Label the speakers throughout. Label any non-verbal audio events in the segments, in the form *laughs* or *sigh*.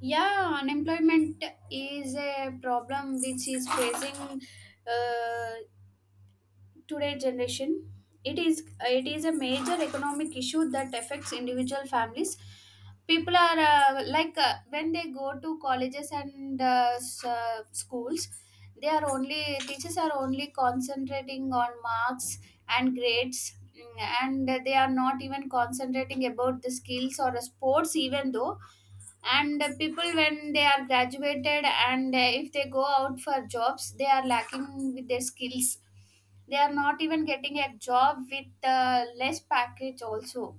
Speaker 1: Yeah, unemployment is a problem which is facing uh, today generation. It is a major economic issue that affects individual families. People are like, when they go to colleges and schools, they are only teachers are only concentrating on marks and grades, and they are not even concentrating about the skills or sports even though. And the people when they are graduated and if they go out for jobs they are lacking with their skills. They are not even getting a job with less package also.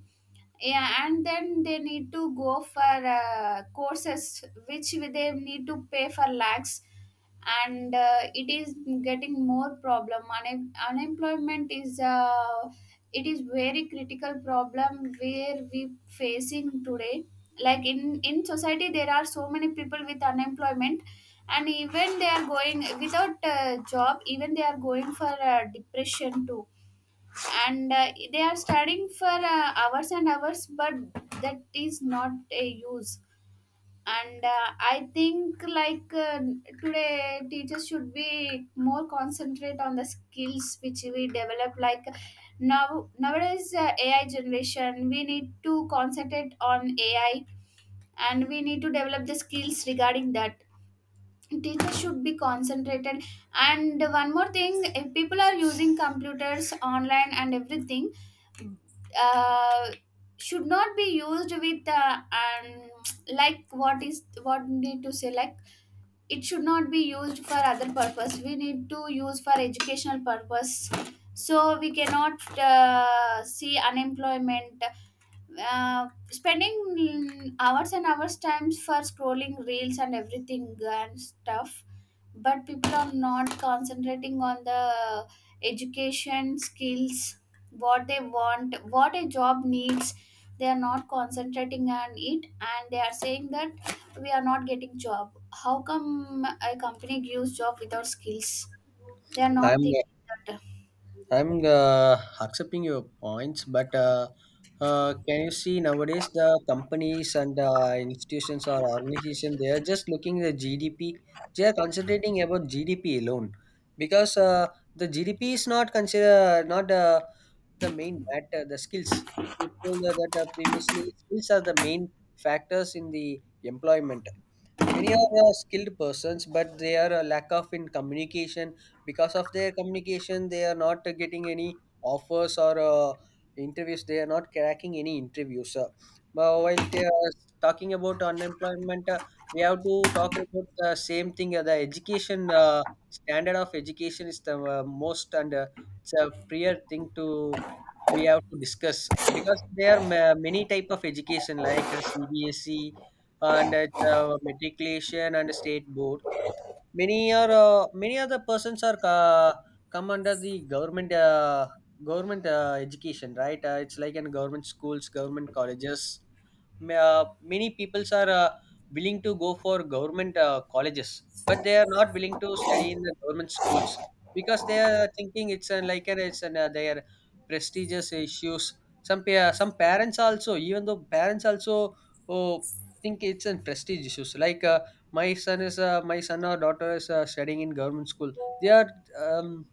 Speaker 1: Yeah, and then they need to go for courses which they need to pay for lakhs. And it is getting more problem. Unemployment is, it is very critical problem where we facing today. Like in society there are so many people with unemployment. And even they are going without job, even they are going for depression too. And they are studying for hours and hours but that is not a use. And I think like, today teachers should be more concentrate on the skills which we develop, like now nowadays AI generation we need to concentrate on AI. And we need to develop the skills regarding that, teachers should be concentrated. And one more thing, if people are using computers online and everything, uh, should not be used with and *tsk* like what need to say, like it should not be used for other purpose, we need to use for educational purpose. So we cannot see unemployment spending hours and hours times for scrolling reels and everything and stuff. But people are not concentrating on the education skills, what they want, what a job needs, they are not concentrating on it. And they are saying that we are not getting job. How come a company gives job without skills? They are not
Speaker 2: I'm
Speaker 1: thinking that.
Speaker 2: I'm accepting your points, but can you see nowadays the companies and institutions or organizations they are just looking at GDP. They are concentrating about GDP alone because the GDP is not consider not the main matter. The skills you told that previously skills are the main factors in the employment many are skilled persons but they are a lack of in communication because of their communication they are not getting any offers or interviews they are not cracking any interviews but while they are talking about unemployment we have to talk about the same thing the education standard of education is the most and it's a prior thing to we have to discuss because there are many type of education like CBSE and at matriculation and state board many are many other persons are come under the government education, right? It's like in government schools government colleges many peoples are willing to go for government colleges but they are not willing to study in the government schools because they are thinking it's an, like an, their prestigious issues some some parents also even though parents also oh, think it's an prestige issues like my son is my son or daughter is studying in government school they are um,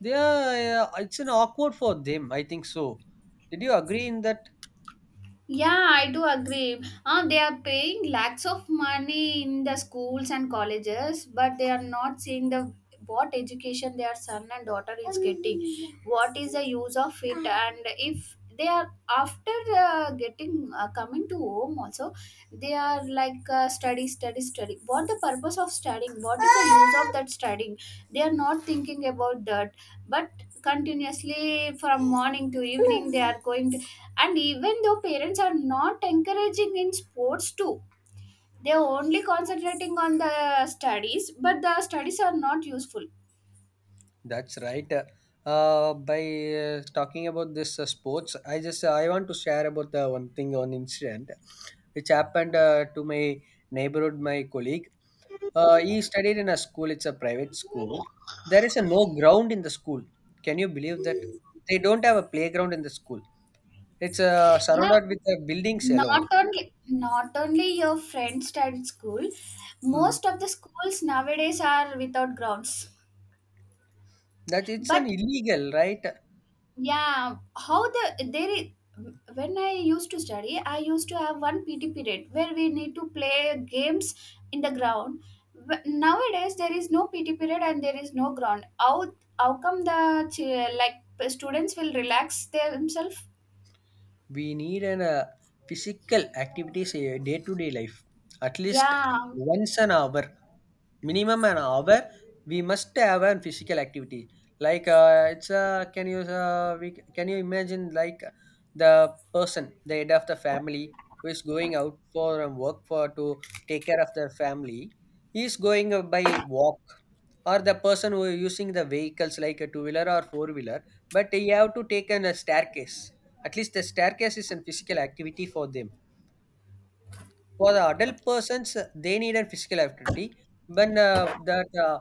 Speaker 2: they are it's an awkward for them I think so. Did you agree in that?
Speaker 1: Yeah, I do agree. They are paying lakhs of money in the schools and colleges, but they are not seeing the what education their son and daughter is getting. What is the use of it? And if they are after getting coming to home also, they are like, study, study, study. What the purpose of studying? What is the use of that studying? They are not thinking about that. But continuously from morning to evening, they are going, and even though parents are not encouraging in sports too, they're only concentrating on the studies but the studies are not useful.
Speaker 2: That's right. By talking about this sports, I just I want to share about one thing, one incident, which happened to my neighborhood, my colleague. He studied in a school. It's a private school. There is a no ground in the school. Can you believe that? They don't have a playground in the school. It's
Speaker 1: Yeah,
Speaker 2: surrounded with buildings alone.
Speaker 1: not only your friends at school,
Speaker 2: Hmm.
Speaker 1: most of the schools nowadays are without grounds.
Speaker 2: That it's an
Speaker 1: But
Speaker 2: illegal, right?
Speaker 1: yeah, how the there is when I used to study I used to have one PT period where we need to play games in the ground. Nowadays there is no PT period and there is no ground, how come the like students will relax themselves?
Speaker 2: We need an physical activities in day to day life at least
Speaker 1: Yeah.
Speaker 2: once an hour, minimum an hour, we must have a physical activity. Like uh, it's uh, can you can you imagine like the person, the head of the family, who is going out for work for to take care of their family, he is going by walk or the person who is using the vehicles like a two wheeler or four wheeler but you have to take an, a staircase. At least the staircase is a physical activity for them. For the adult persons, they need a physical activity. When that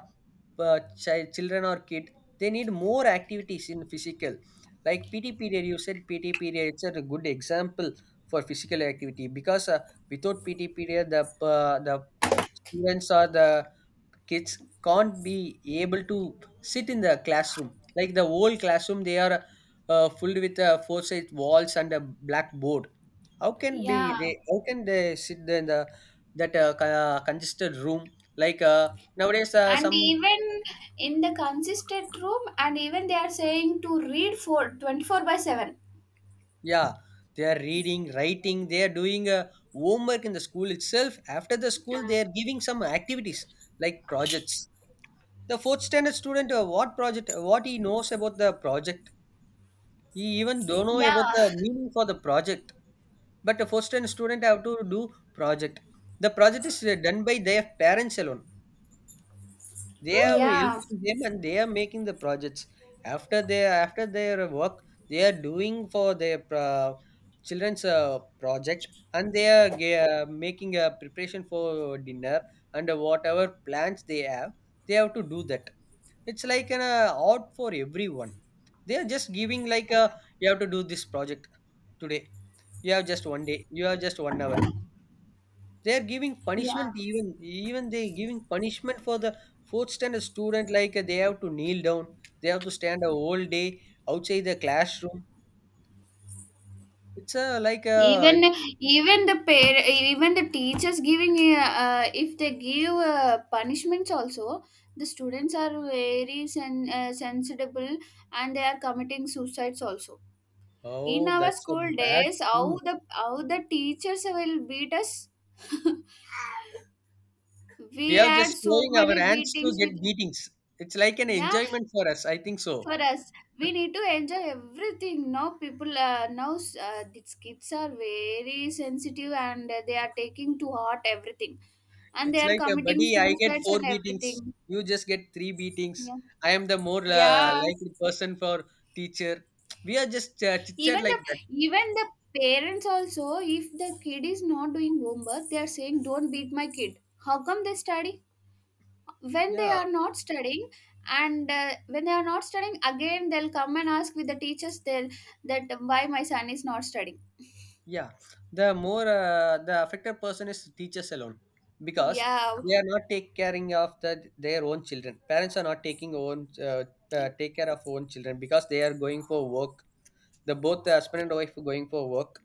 Speaker 2: child, children or kid, they need more activities in physical. Like PT period, you said PT period. It's a good example for physical activity because without PT period, the students or the kids can't be able to sit in the classroom. Like the whole classroom, they are filled with four side walls and a blackboard. How can be
Speaker 1: Yeah.
Speaker 2: they? How can they sit there in the congested room? Like nowadays,
Speaker 1: And
Speaker 2: some
Speaker 1: even in the consistent room and even they are saying to read for 24 by 7.
Speaker 2: yeah, they are reading, writing. They are doing homework in the school itself. After the school,
Speaker 1: Uh,
Speaker 2: they are giving some activities like projects. The fourth standard student, what project? What he knows about the project? He even don't know about
Speaker 1: yeah,
Speaker 2: the meaning for the project. But a fourth standard student have to do project. The project is done by their parents alone, they are
Speaker 1: yeah,
Speaker 2: helping them and they are making the projects after their work. They are doing for their children's project and they are making a preparation for dinner and whatever plans they have, they have to do that. It's like an art for everyone. They are just giving like a, you have to do this project today, you have just one day, you have just one hour. They are giving
Speaker 1: yeah.
Speaker 2: punishment, even even they giving punishment for the fourth standard student, like they have to kneel down. They have to stand a whole day outside the classroom. It's a like a,
Speaker 1: Even even the even the teachers giving if they give punishments also, the students are very sensible and they are committing suicides also. In
Speaker 2: oh
Speaker 1: our
Speaker 2: that's a
Speaker 1: school
Speaker 2: bad
Speaker 1: days, how
Speaker 2: thing.
Speaker 1: the how the teachers will beat us.
Speaker 2: We
Speaker 1: We
Speaker 2: are
Speaker 1: had
Speaker 2: just
Speaker 1: so
Speaker 2: showing our
Speaker 1: many
Speaker 2: hands to
Speaker 1: beatings with.
Speaker 2: get beatings. It's like an
Speaker 1: Yeah,
Speaker 2: enjoyment for us, I think so.
Speaker 1: for us we need to enjoy everything. Now people, now these kids are very sensitive and they are taking to heart everything, and
Speaker 2: It's
Speaker 1: they are
Speaker 2: like a
Speaker 1: committing
Speaker 2: buddy. I get
Speaker 1: suicides
Speaker 2: four
Speaker 1: and
Speaker 2: beatings.
Speaker 1: everything.
Speaker 2: You just get three beatings.
Speaker 1: Yeah.
Speaker 2: I am the more
Speaker 1: Yeah.
Speaker 2: likely person for teacher. We are just chit chat
Speaker 1: even
Speaker 2: like
Speaker 1: the
Speaker 2: that.
Speaker 1: even the parents also, if the kid is not doing homework they are saying don't beat my kid. How come they study when they
Speaker 2: Yeah,
Speaker 1: are not studying? And when they are not studying, again they'll come and ask with the teachers, they'll that why my son is not studying.
Speaker 2: yeah, the more the affected person is teachers alone because
Speaker 1: Yeah.
Speaker 2: they are not take caring of the, their own children. Parents are not taking own take care of own children because they are going for work. The both the husband and wife are going for work,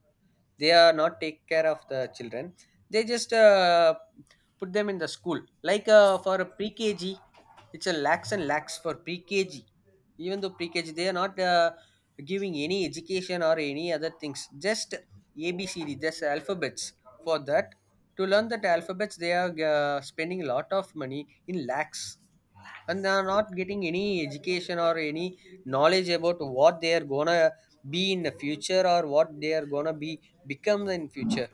Speaker 2: they are not take care of the children, they just put them in the school like for a pre KG, it's a lakhs and lakhs for pre KG. Even though pre KG, they are not giving any education or any other things, just ABCD, just alphabets. For that to learn that alphabets they are spending a lot of money in lakhs and they are not getting any education or any knowledge about what they are gonna be in the future or what they are gonna be become in future.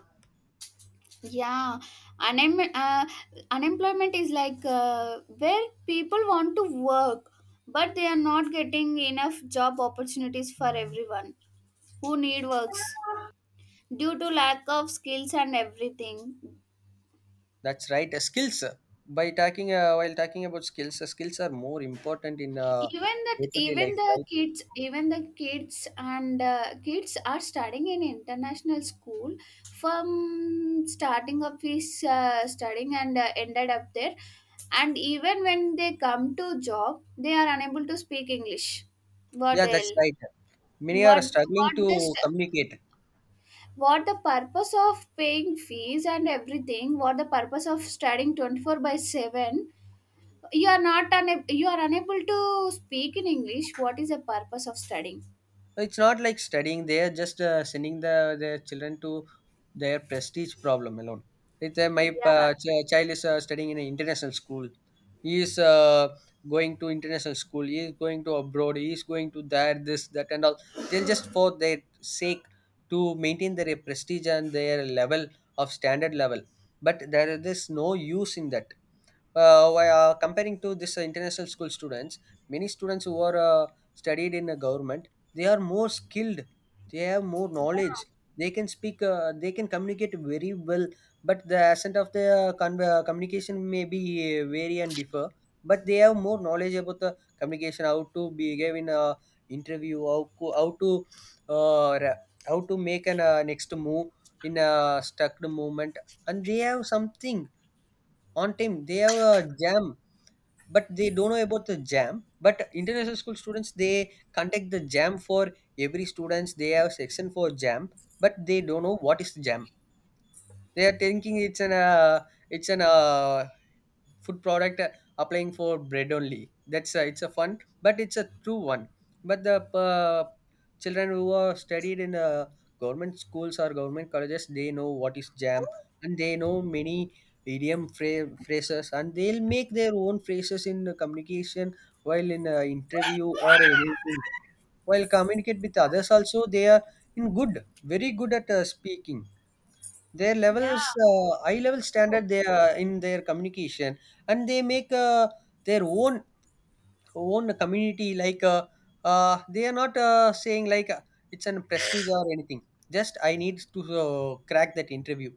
Speaker 1: Yeah. Unem- uh, Unemployment is like, where people want to work but they are not getting enough job opportunities for everyone who need works due to lack of skills and everything.
Speaker 2: That's right. Skills, by talking while talking about skills, skills are more important in
Speaker 1: even that
Speaker 2: day-to-day
Speaker 1: even
Speaker 2: life,
Speaker 1: the
Speaker 2: right?
Speaker 1: kids even the kids and kids are studying in international school from starting of his studying and ended up there. And even when they come to job they are unable to speak English. What
Speaker 2: Yeah,
Speaker 1: the
Speaker 2: that's
Speaker 1: hell?
Speaker 2: right. Many are
Speaker 1: what
Speaker 2: struggling to
Speaker 1: what the st-
Speaker 2: communicate.
Speaker 1: what the purpose of paying fees and everything? What the purpose of studying 24 by 7? You are not una- You are unable to speak in English. What is the purpose of studying?
Speaker 2: It's not like studying, they are just sending the their children to their prestige problem alone. It's, my
Speaker 1: Yeah.
Speaker 2: child is studying in an international school, he is going to international school, he is going to abroad, he is going to there, this that and all. They're just for their sake, to maintain their prestige and their level of standard level, but there is no use in that. Comparing to this international school students, many students who are studied in a government, they are more skilled, they have more
Speaker 1: Yeah.
Speaker 2: knowledge, they can speak they can communicate very well, but the accent of the communication may be vary and differ, but they have more knowledge about the communication, how to behave in a interview, how to uh, ra- how to make an next move in a stuck moment, and they have something, on time they have a JAM, but they don't know about the JAM. But international school students, they contact the JAM for every students. They have section for JAM, but they don't know what is JAM. They are thinking it's an it's an uh, food product applying for bread only. That's a, it's a fun but it's a true one. But the uh, children who are studied in government schools or government colleges, they know what is JAM, and they know many idiom phrases and they'll make their own phrases in communication while in a interview or anything, while communicate with others also they are in good, very good at speaking. Their levels,
Speaker 1: Yeah,
Speaker 2: high level
Speaker 1: it's true.
Speaker 2: standard they are in their communication, and they make their own community. Like they are not saying like it's an prestige or anything. Just I need to crack that interview.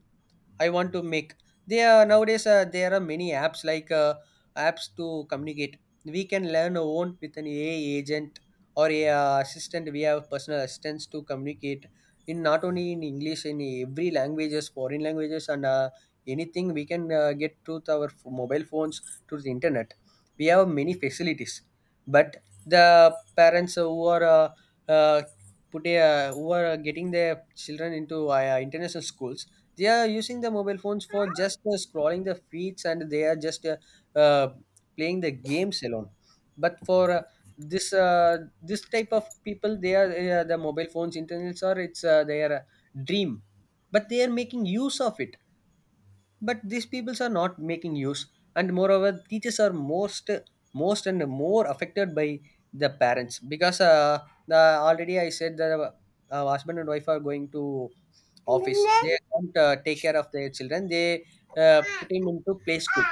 Speaker 2: I want to make. There nowadays there are many apps like apps to communicate. We can learn our own with an AI agent or a assistant. We have personal assistants to communicate in not only in English, in every languages, foreign languages, and anything we can get through to our mobile phones through the internet. We have many facilities, but the parents who are who are getting their children into international schools, they are using the mobile phones for just scrolling the feeds, and they are just uh, playing the games alone. But for this type of people, they are the mobile phones, internets, or it's their dream, but they are making use of it, but these peoples are not making use. And moreover, teachers are most, most and more affected by the parents because the already I said that husband and wife are going to office, they don't take care of their children, they put him into play school.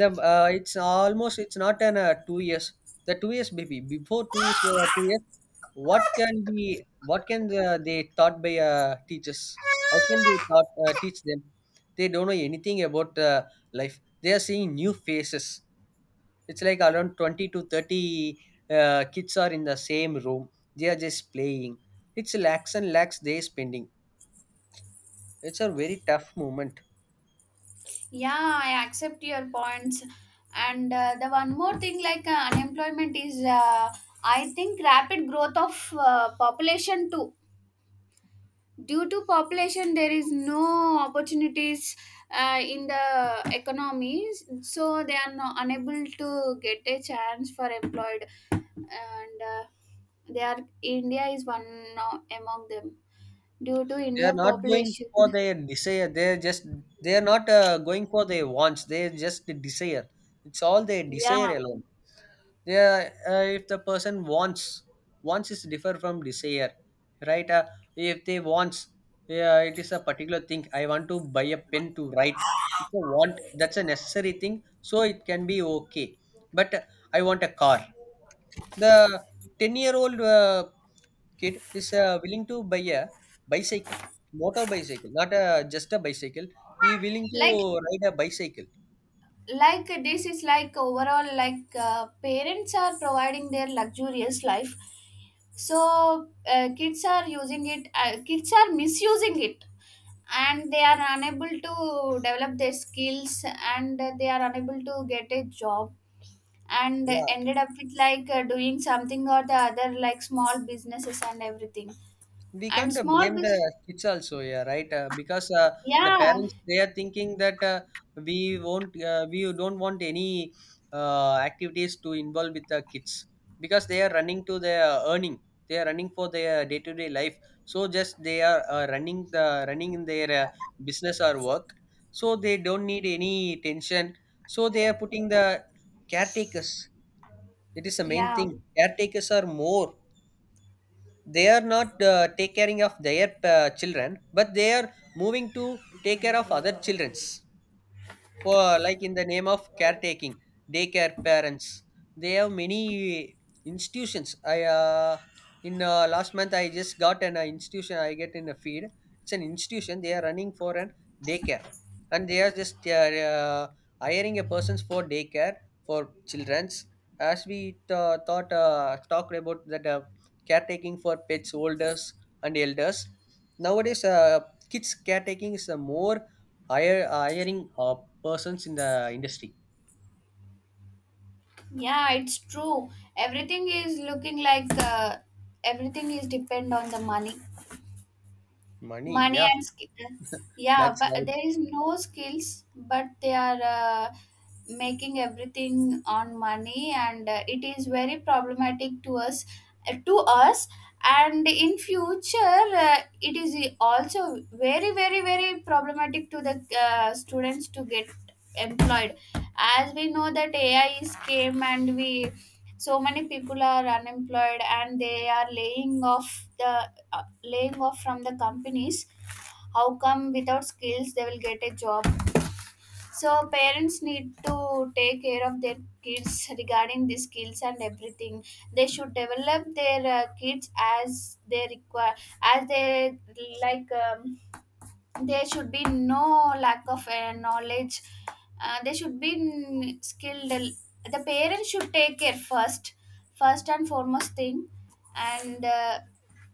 Speaker 2: The It's almost, it's not an 2 years, the 2 years baby, before 2 years we, 2 years, what can be, what can they taught by teachers, how can they taught, teach them? They don't know anything about life, they are seeing new faces. It's like around 20 to 30 kids are in the same room, they are just playing. It's lakhs and lakhs they spending. It's a very tough moment.
Speaker 1: Yeah, I accept your points. And the one more thing like, unemployment is, I think rapid growth of population too. Due to population there is no opportunities in the economies, so they are no, unable to get a chance for employed. And they are India is one among them due to
Speaker 2: They are
Speaker 1: India
Speaker 2: not going for
Speaker 1: population *laughs*
Speaker 2: their desire, they're just, they are not going for their wants, they are just desire. It's all their desire
Speaker 1: yeah,
Speaker 2: alone. Yeah. If the person wants, wants is differ from desire, right? If they wants, yeah, it is a particular thing. I want to buy a pen to write, it's a want, that's a necessary thing, so it can be okay. But I want a car, the 10-year-old kid is willing to buy a bicycle, motor bicycle, not a, just a bicycle, he willing to
Speaker 1: like
Speaker 2: ride a bicycle.
Speaker 1: this is like overall, like, parents are providing their luxurious life. So kids are using it, kids are misusing it, and they are unable to develop their skills, and they are unable to get a job, and
Speaker 2: Yeah,
Speaker 1: ended up with like, doing something or the other like small businesses and everything.
Speaker 2: we
Speaker 1: And
Speaker 2: can't
Speaker 1: small
Speaker 2: blame the
Speaker 1: business.
Speaker 2: kids also, yeah, right. Because the
Speaker 1: Yeah.
Speaker 2: parents, they are thinking that we won't we don't want any activities to involve with the kids, because they are running to their earning, they are running for their day to day life. So just they are running the running in their business or work, so they don't need any tension. So they are putting the caretakers, it is the main
Speaker 1: Yeah.
Speaker 2: thing. Caretakers are more, they are not take caring of their children, but they are moving to take care of other children's, for like in the name of caretaking, daycare parents. They have many institutions. I in last month, I just got an institution, I get in a feed. It's an institution, they are running for an daycare, and they are just, they are, hiring a persons for daycare for children's. As we thought talked about that caretaking for pets, olders and elders, nowadays kids caretaking is more, hire hiring persons in the industry.
Speaker 1: Yeah, it's true. Everything is looking like, everything is depend on the money,
Speaker 2: Money,
Speaker 1: money
Speaker 2: yeah,
Speaker 1: and skill. Yeah,
Speaker 2: that's
Speaker 1: but
Speaker 2: right.
Speaker 1: there is no skills, but they are making everything on money, and it is very problematic to us, to us. And in future, it is also very, very, very problematic to the students to get employed as we know that AI is came and we so many people are unemployed and they are laying off the from the companies. How come without skills they will get a job? So parents need to take care of their kids regarding the skills and everything. They should develop their kids as they require, as they like, there should be no lack of knowledge. They should be skilled, the parents should take care first, first and foremost thing. And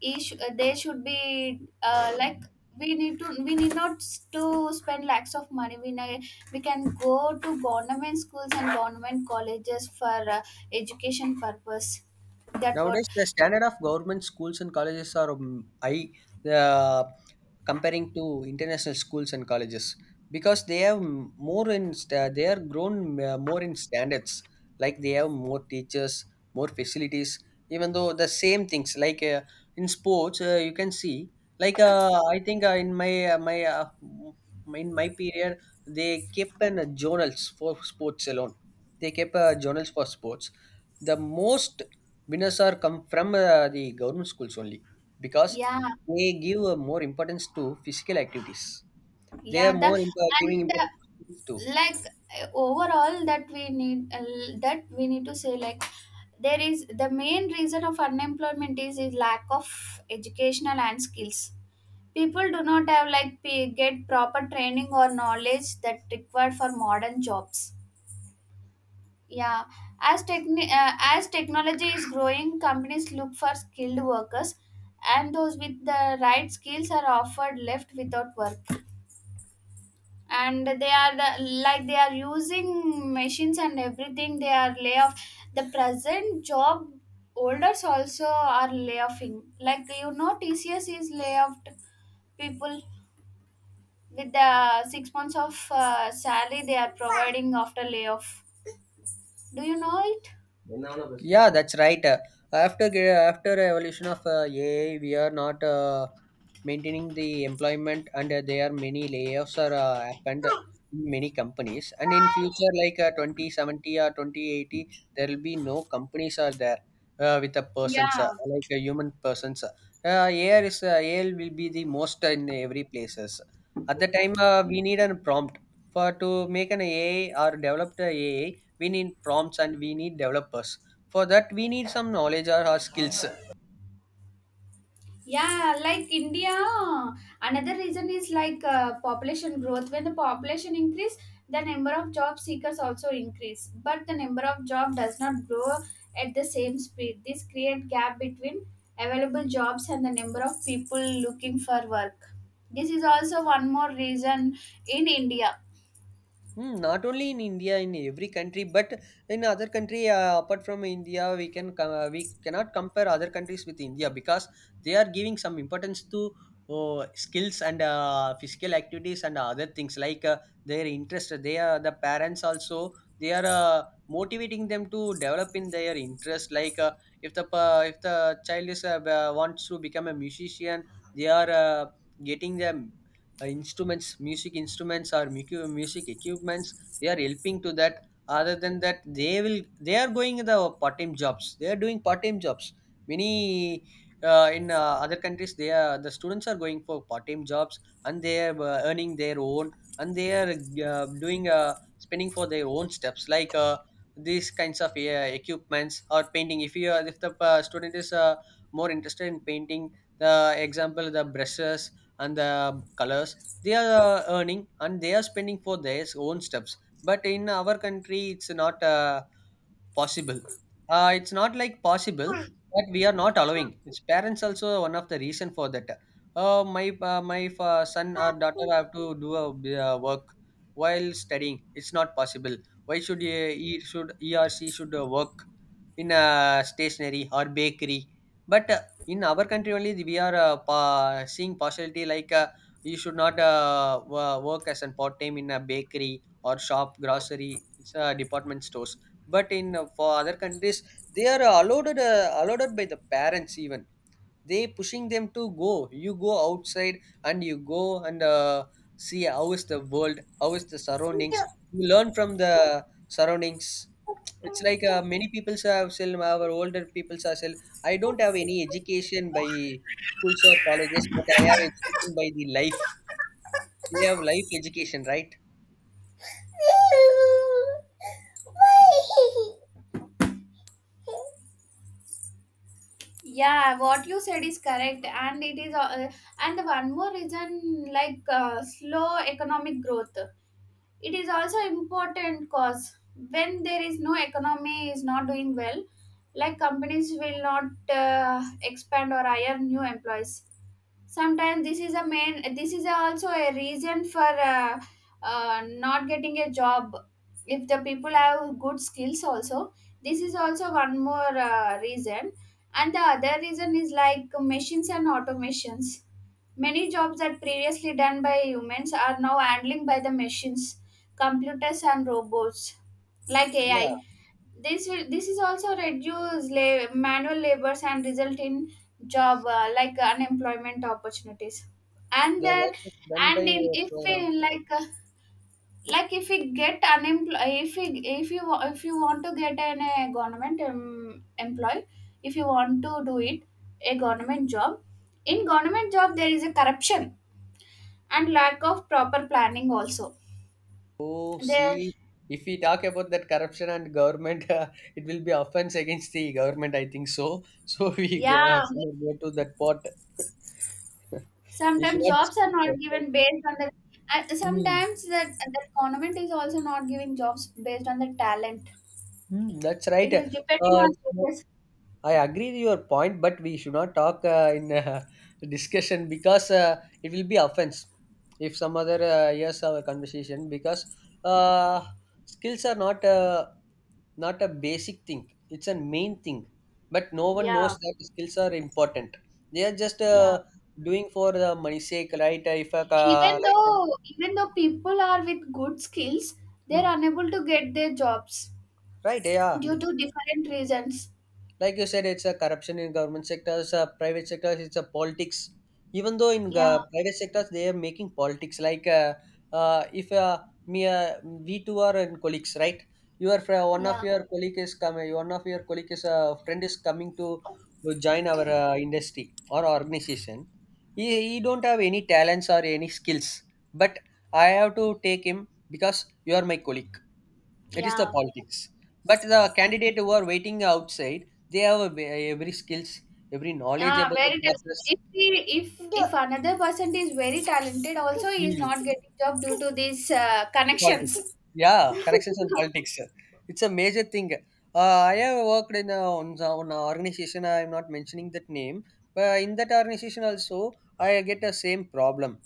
Speaker 1: each, they should be like, we need not to spend lakhs of money, we need, we can go to government schools and government colleges for education purpose, that what.
Speaker 2: Nowadays, the standard of government schools and colleges are high, uh, comparing to international schools and colleges, because they have m- more in sta- they are grown more in standards. Like they have more teachers, more facilities. Even though the same things like in sports, you can see, like I think in my my m- in my period, they kept an journals for sports alone. They kept journals for sports, the most winners are come from the government schools only, because
Speaker 1: Yeah.
Speaker 2: they give more importance to physical activities. They are
Speaker 1: Yeah. The,
Speaker 2: more imp- giving
Speaker 1: and
Speaker 2: importance to schools too.
Speaker 1: like, overall, that we need to say, like there is the main reason of unemployment is lack of educational and skills. People do not have like, get proper training or knowledge that required for modern jobs. Yeah. As technology is growing, companies look for skilled workers, and those with the right skills are offered left without work. And like they are using machines and everything, they are lay off. The present job holders also are layoffing, like you know TCS is layoffed people with the 6 months of salary they are providing after layoff. Do you know it?
Speaker 2: Yeah, that's right. After ge- after evolution of AI, we are not maintaining the employment, and there are many layoffs are happened in many companies. And in future, like 2070 or 2080, there will be no companies are there with a persons
Speaker 1: Yeah.
Speaker 2: like a human persons. AI will be the most in every places. At the time, we need a prompt for to make an AI or develop the AI, we need prompts and we need developers. For that we need some knowledge or our skills.
Speaker 1: Yeah, like India, another reason is like, population growth. When the population increase, the number of job seekers also increase, but the number of job does not grow at the same speed. This create gap between available jobs and the number of people looking for work. This is also one more reason in India.
Speaker 2: Hmm. Not only in India, in every country, but in other country apart from India, we can co- we cannot compare other countries with India because they are giving some importance to skills and physical activities and other things like their interest. They are the parents also. They are motivating them to develop in their interest. Like if the pa- if the child is wants to become a musician, they are getting them instruments music instruments or mucu- music equipments, they are helping to that. Other than that they will, they are going the part-time jobs, they are doing part-time jobs. Many in other countries, they are the students are going for part-time jobs, and they are earning their own, and they are doing spending for their own steps, like these kinds of equipments or painting. If you are, if the student is more interested in painting, the example the brushes and the colors, they are earning and they are spending for their own stuffs. But in our country it's not possible, it's not like possible. But we are not allowing, its parents also one of the reason for that. My my son or daughter have to do a b- work while studying, it's not possible. Why should he should, he or she should work in a stationery or bakery? But in our country only, we are pa- seeing partiality, like you should not wo- work as a part time in a bakery or shop, grocery, it's, department stores. But in for other countries, they are allowed, by the parents even they pushing them to go, you go outside and you go and see how is the world, how is the surroundings, you learn from the surroundings. It's like many people have, still our older people are still, I don't have any education by schools or colleges, but I have education by the life. They have life education, right?
Speaker 1: Yeah, what you said is correct, and it is, and one more reason like, slow economic growth. It is also important cause, when there is no economy is not doing well, like companies will not expand or hire new employees. Sometimes this is also a reason for uh, not getting a job if the people have good skills also. This is also one more reason. And the other reason is like machines and automations. Many jobs that previously done by humans are now handling by the machines, computers and robots like
Speaker 2: Yeah,
Speaker 1: AI. This is also reduce manual labors and result in job, like unemployment opportunities. And
Speaker 2: the work
Speaker 1: then,
Speaker 2: is done by
Speaker 1: and in
Speaker 2: a
Speaker 1: if
Speaker 2: program.
Speaker 1: we like, like if we get unemployed, if we if you wa- if you want to get an a government employee, if you want to do it a government job, in government job there is a corruption and lack of proper planning also
Speaker 2: Oh,
Speaker 1: there.
Speaker 2: see, if we talk about that corruption and government, *laughs* it will be offense against the government, I think so. So *laughs* we go,
Speaker 1: Yeah,
Speaker 2: should not go to that part. *laughs* We should
Speaker 1: sometimes
Speaker 2: not
Speaker 1: jobs
Speaker 2: discuss
Speaker 1: are
Speaker 2: it
Speaker 1: not
Speaker 2: like that.
Speaker 1: given based on the, and
Speaker 2: Hmm.
Speaker 1: sometimes that the government is also not giving jobs based on the talent,
Speaker 2: Hmm, that's right.
Speaker 1: it is depending on
Speaker 2: So
Speaker 1: this.
Speaker 2: I agree with your point, but we should not talk in *laughs* discussion because it will be offense if some other hears our conversation. Because uh, skills are not not a basic thing, it's a main thing. But no one
Speaker 1: Yeah.
Speaker 2: knows that skills are important, they are just
Speaker 1: Yeah.
Speaker 2: doing for the money sake, right? If a ca-
Speaker 1: even
Speaker 2: like,
Speaker 1: though even though people are with good skills they're
Speaker 2: mm,
Speaker 1: unable to get their jobs
Speaker 2: right, yeah, yeah.
Speaker 1: due to different reasons.
Speaker 2: Like you said, it's a corruption in government sectors, private sectors, it's a politics. Even though in
Speaker 1: Yeah.
Speaker 2: private sectors they are making politics, like if me, we two are in colleagues, right? Your friend, one of
Speaker 1: Yeah.
Speaker 2: your colleague is coming, one of your colleague is friend is coming to join our industry or organization. He don't have any talents or any skills, but I have to take him because you are my colleague, it is the
Speaker 1: Yeah.
Speaker 2: politics. But the candidate who are waiting outside, they have a, ve- every skills, every knowledge
Speaker 1: Ah,
Speaker 2: about the
Speaker 1: very ta-
Speaker 2: process.
Speaker 1: if he- if The- another person is very talented, also he is
Speaker 2: Hmm.
Speaker 1: not getting job due to these connections.
Speaker 2: Politics. Yeah, connections and politics. It's a major thing. I have worked in a, on the- on a organization. I am not mentioning that name, but in that organization also, I get the same problem.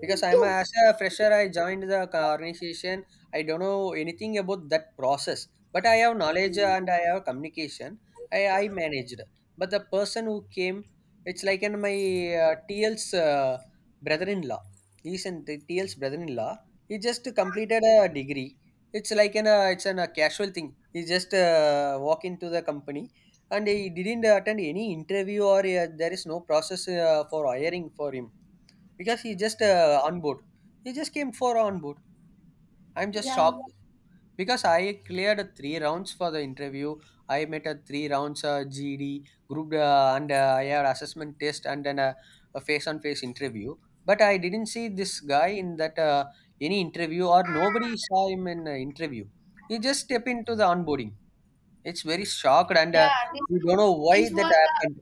Speaker 2: Because I'm a, as a fresher, I joined the co- organization. I don't know anything about that process, but I have knowledge and I have communication. I managed, but the person who came, it's like in my TL's brother-in-law. He's in the TL's brother-in-law. He just completed a degree. It's like an a, it's an, a casual thing. He just walk into the company, and he didn't attend any interview, or there is no process for hiring for him, because he just on board. He just came for on board. I'm just
Speaker 1: Yeah,
Speaker 2: shocked because I cleared three rounds for the interview. I met a three rounds GD group and I had assessment test and then a face-on-face interview. But I didn't see this guy in that any interview, or nobody saw him in interview. He just step into the onboarding. It's very shocked and
Speaker 1: yeah.
Speaker 2: we don't know why
Speaker 1: This
Speaker 2: that
Speaker 1: was a
Speaker 2: happened.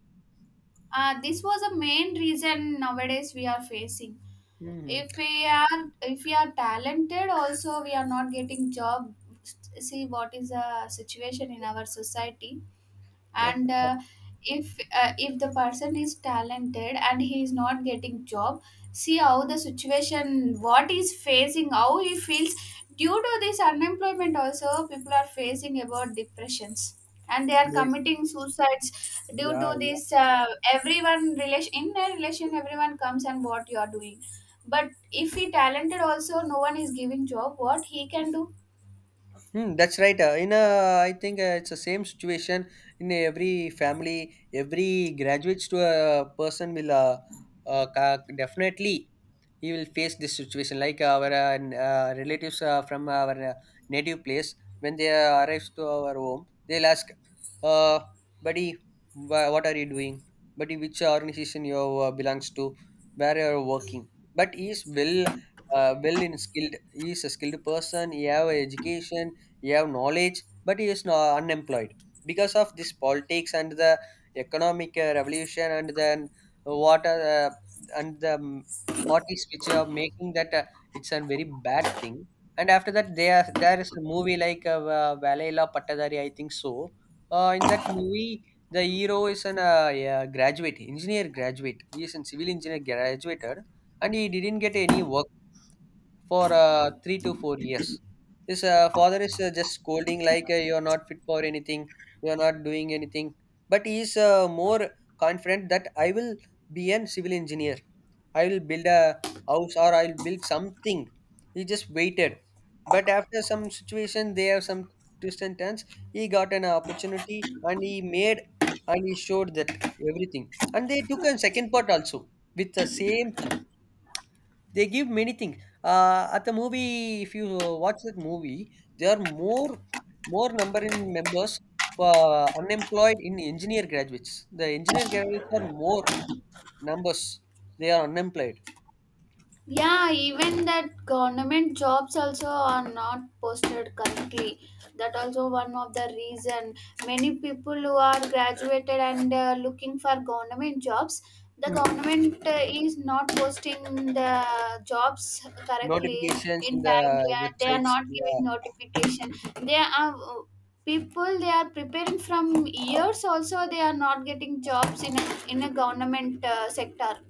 Speaker 1: this was a main reason nowadays we are facing.
Speaker 2: Mhm.
Speaker 1: If we are talented, also we are not getting job. See what is the situation in our society. And if the person is talented and he is not getting job, see how the situation what he's facing, how he feels. Due to this unemployment also people are facing about depressions and they are committing suicides due to
Speaker 2: Yeah.
Speaker 1: this. Everyone relation in a relation, everyone comes and what you are doing. But if he talented also no one is giving job, what he can do?
Speaker 2: Hmm, that's right. In a, I think it's the same situation in every family. Every graduates to a person will ca- definitely he will face this situation. Like our relatives from our native place, when they arrives to our home, they'll ask, uh, "Buddy, wha- what are you doing? Buddy, which organization you belongs to? Where you are working?" But he is well, well in skilled. He is a skilled person. He have education, he have knowledge, but he is not unemployed because of this politics and the economic revolution and then what are the, and the mm, parties which are making that it's a very bad thing. And after that, there is a movie like Va- Valaila Pattadari, I think so. In that movie, the hero is an yeah, graduate engineer, graduate, he is a civil engineer graduated, and he didn't get any work for 3 to 4 years. His father is just scolding, like you are not fit for anything, you are not doing anything. But he is more confident that I will be an civil engineer. I will build a house or I will build something. He just waited. But after some situation, they have some twists and turns. He got an opportunity and he made and he showed that everything. And they took a second part also with the same thing, they give many things. At the movie, if you watch that movie, there are more, more number in members for unemployed in engineer graduates. The engineer graduates are more numbers. They are unemployed.
Speaker 1: Yeah, even that government jobs also are not posted currently. That also one of the reason, many people who are graduated and looking for government jobs, the
Speaker 2: Hmm.
Speaker 1: government is not posting the jobs correctly
Speaker 2: Notifications in
Speaker 1: in
Speaker 2: the
Speaker 1: timely, and they are
Speaker 2: websites.
Speaker 1: not
Speaker 2: Yeah.
Speaker 1: giving notification. They are People, they are preparing from years also they are not getting jobs in a government sector.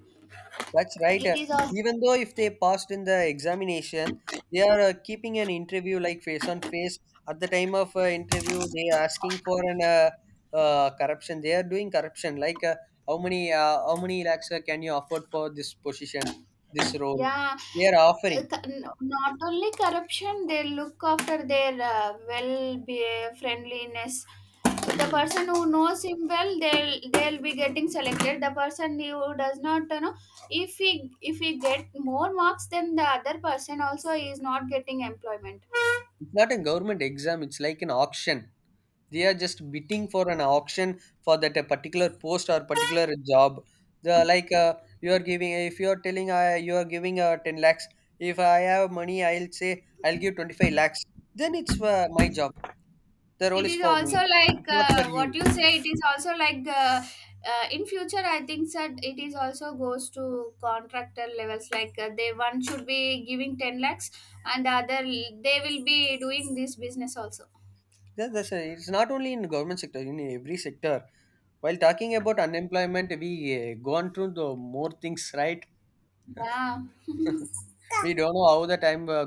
Speaker 2: That's right.
Speaker 1: It is all.
Speaker 2: Even though if they passed in the examination, they are keeping an interview like face on face. At the time of interview, they are asking for an corruption. They are doing corruption. Like how many lakhs can you afford for this position, this role?
Speaker 1: Yeah,
Speaker 2: They are offering.
Speaker 1: not only corruption, they look after their well be friendliness. The
Speaker 2: Hmm.
Speaker 1: person who knows him well, they'll be getting selected. The person who does not, if he get more marks, then the other person also is not getting employment.
Speaker 2: It's not a government exam, it's like an auction. They are just bidding for an auction for that a particular post or particular job. The, like you are giving, if you are telling you are giving 10 lakhs. If I have money, I'll say I'll give 25 lakhs. Then it's my job. The role
Speaker 1: It
Speaker 2: is
Speaker 1: is
Speaker 2: for
Speaker 1: also
Speaker 2: me.
Speaker 1: like,
Speaker 2: It's not for you.
Speaker 1: what you say, it is also like in future I think that it is also goes to contractor levels, like they one should be giving 10 lakhs, and the other they will be doing this business also.
Speaker 2: That, that's a, it's not only in the government sector, in every sector. While talking about unemployment, we gone through the more things, right?
Speaker 1: Yeah.
Speaker 2: *laughs* We don't know how the time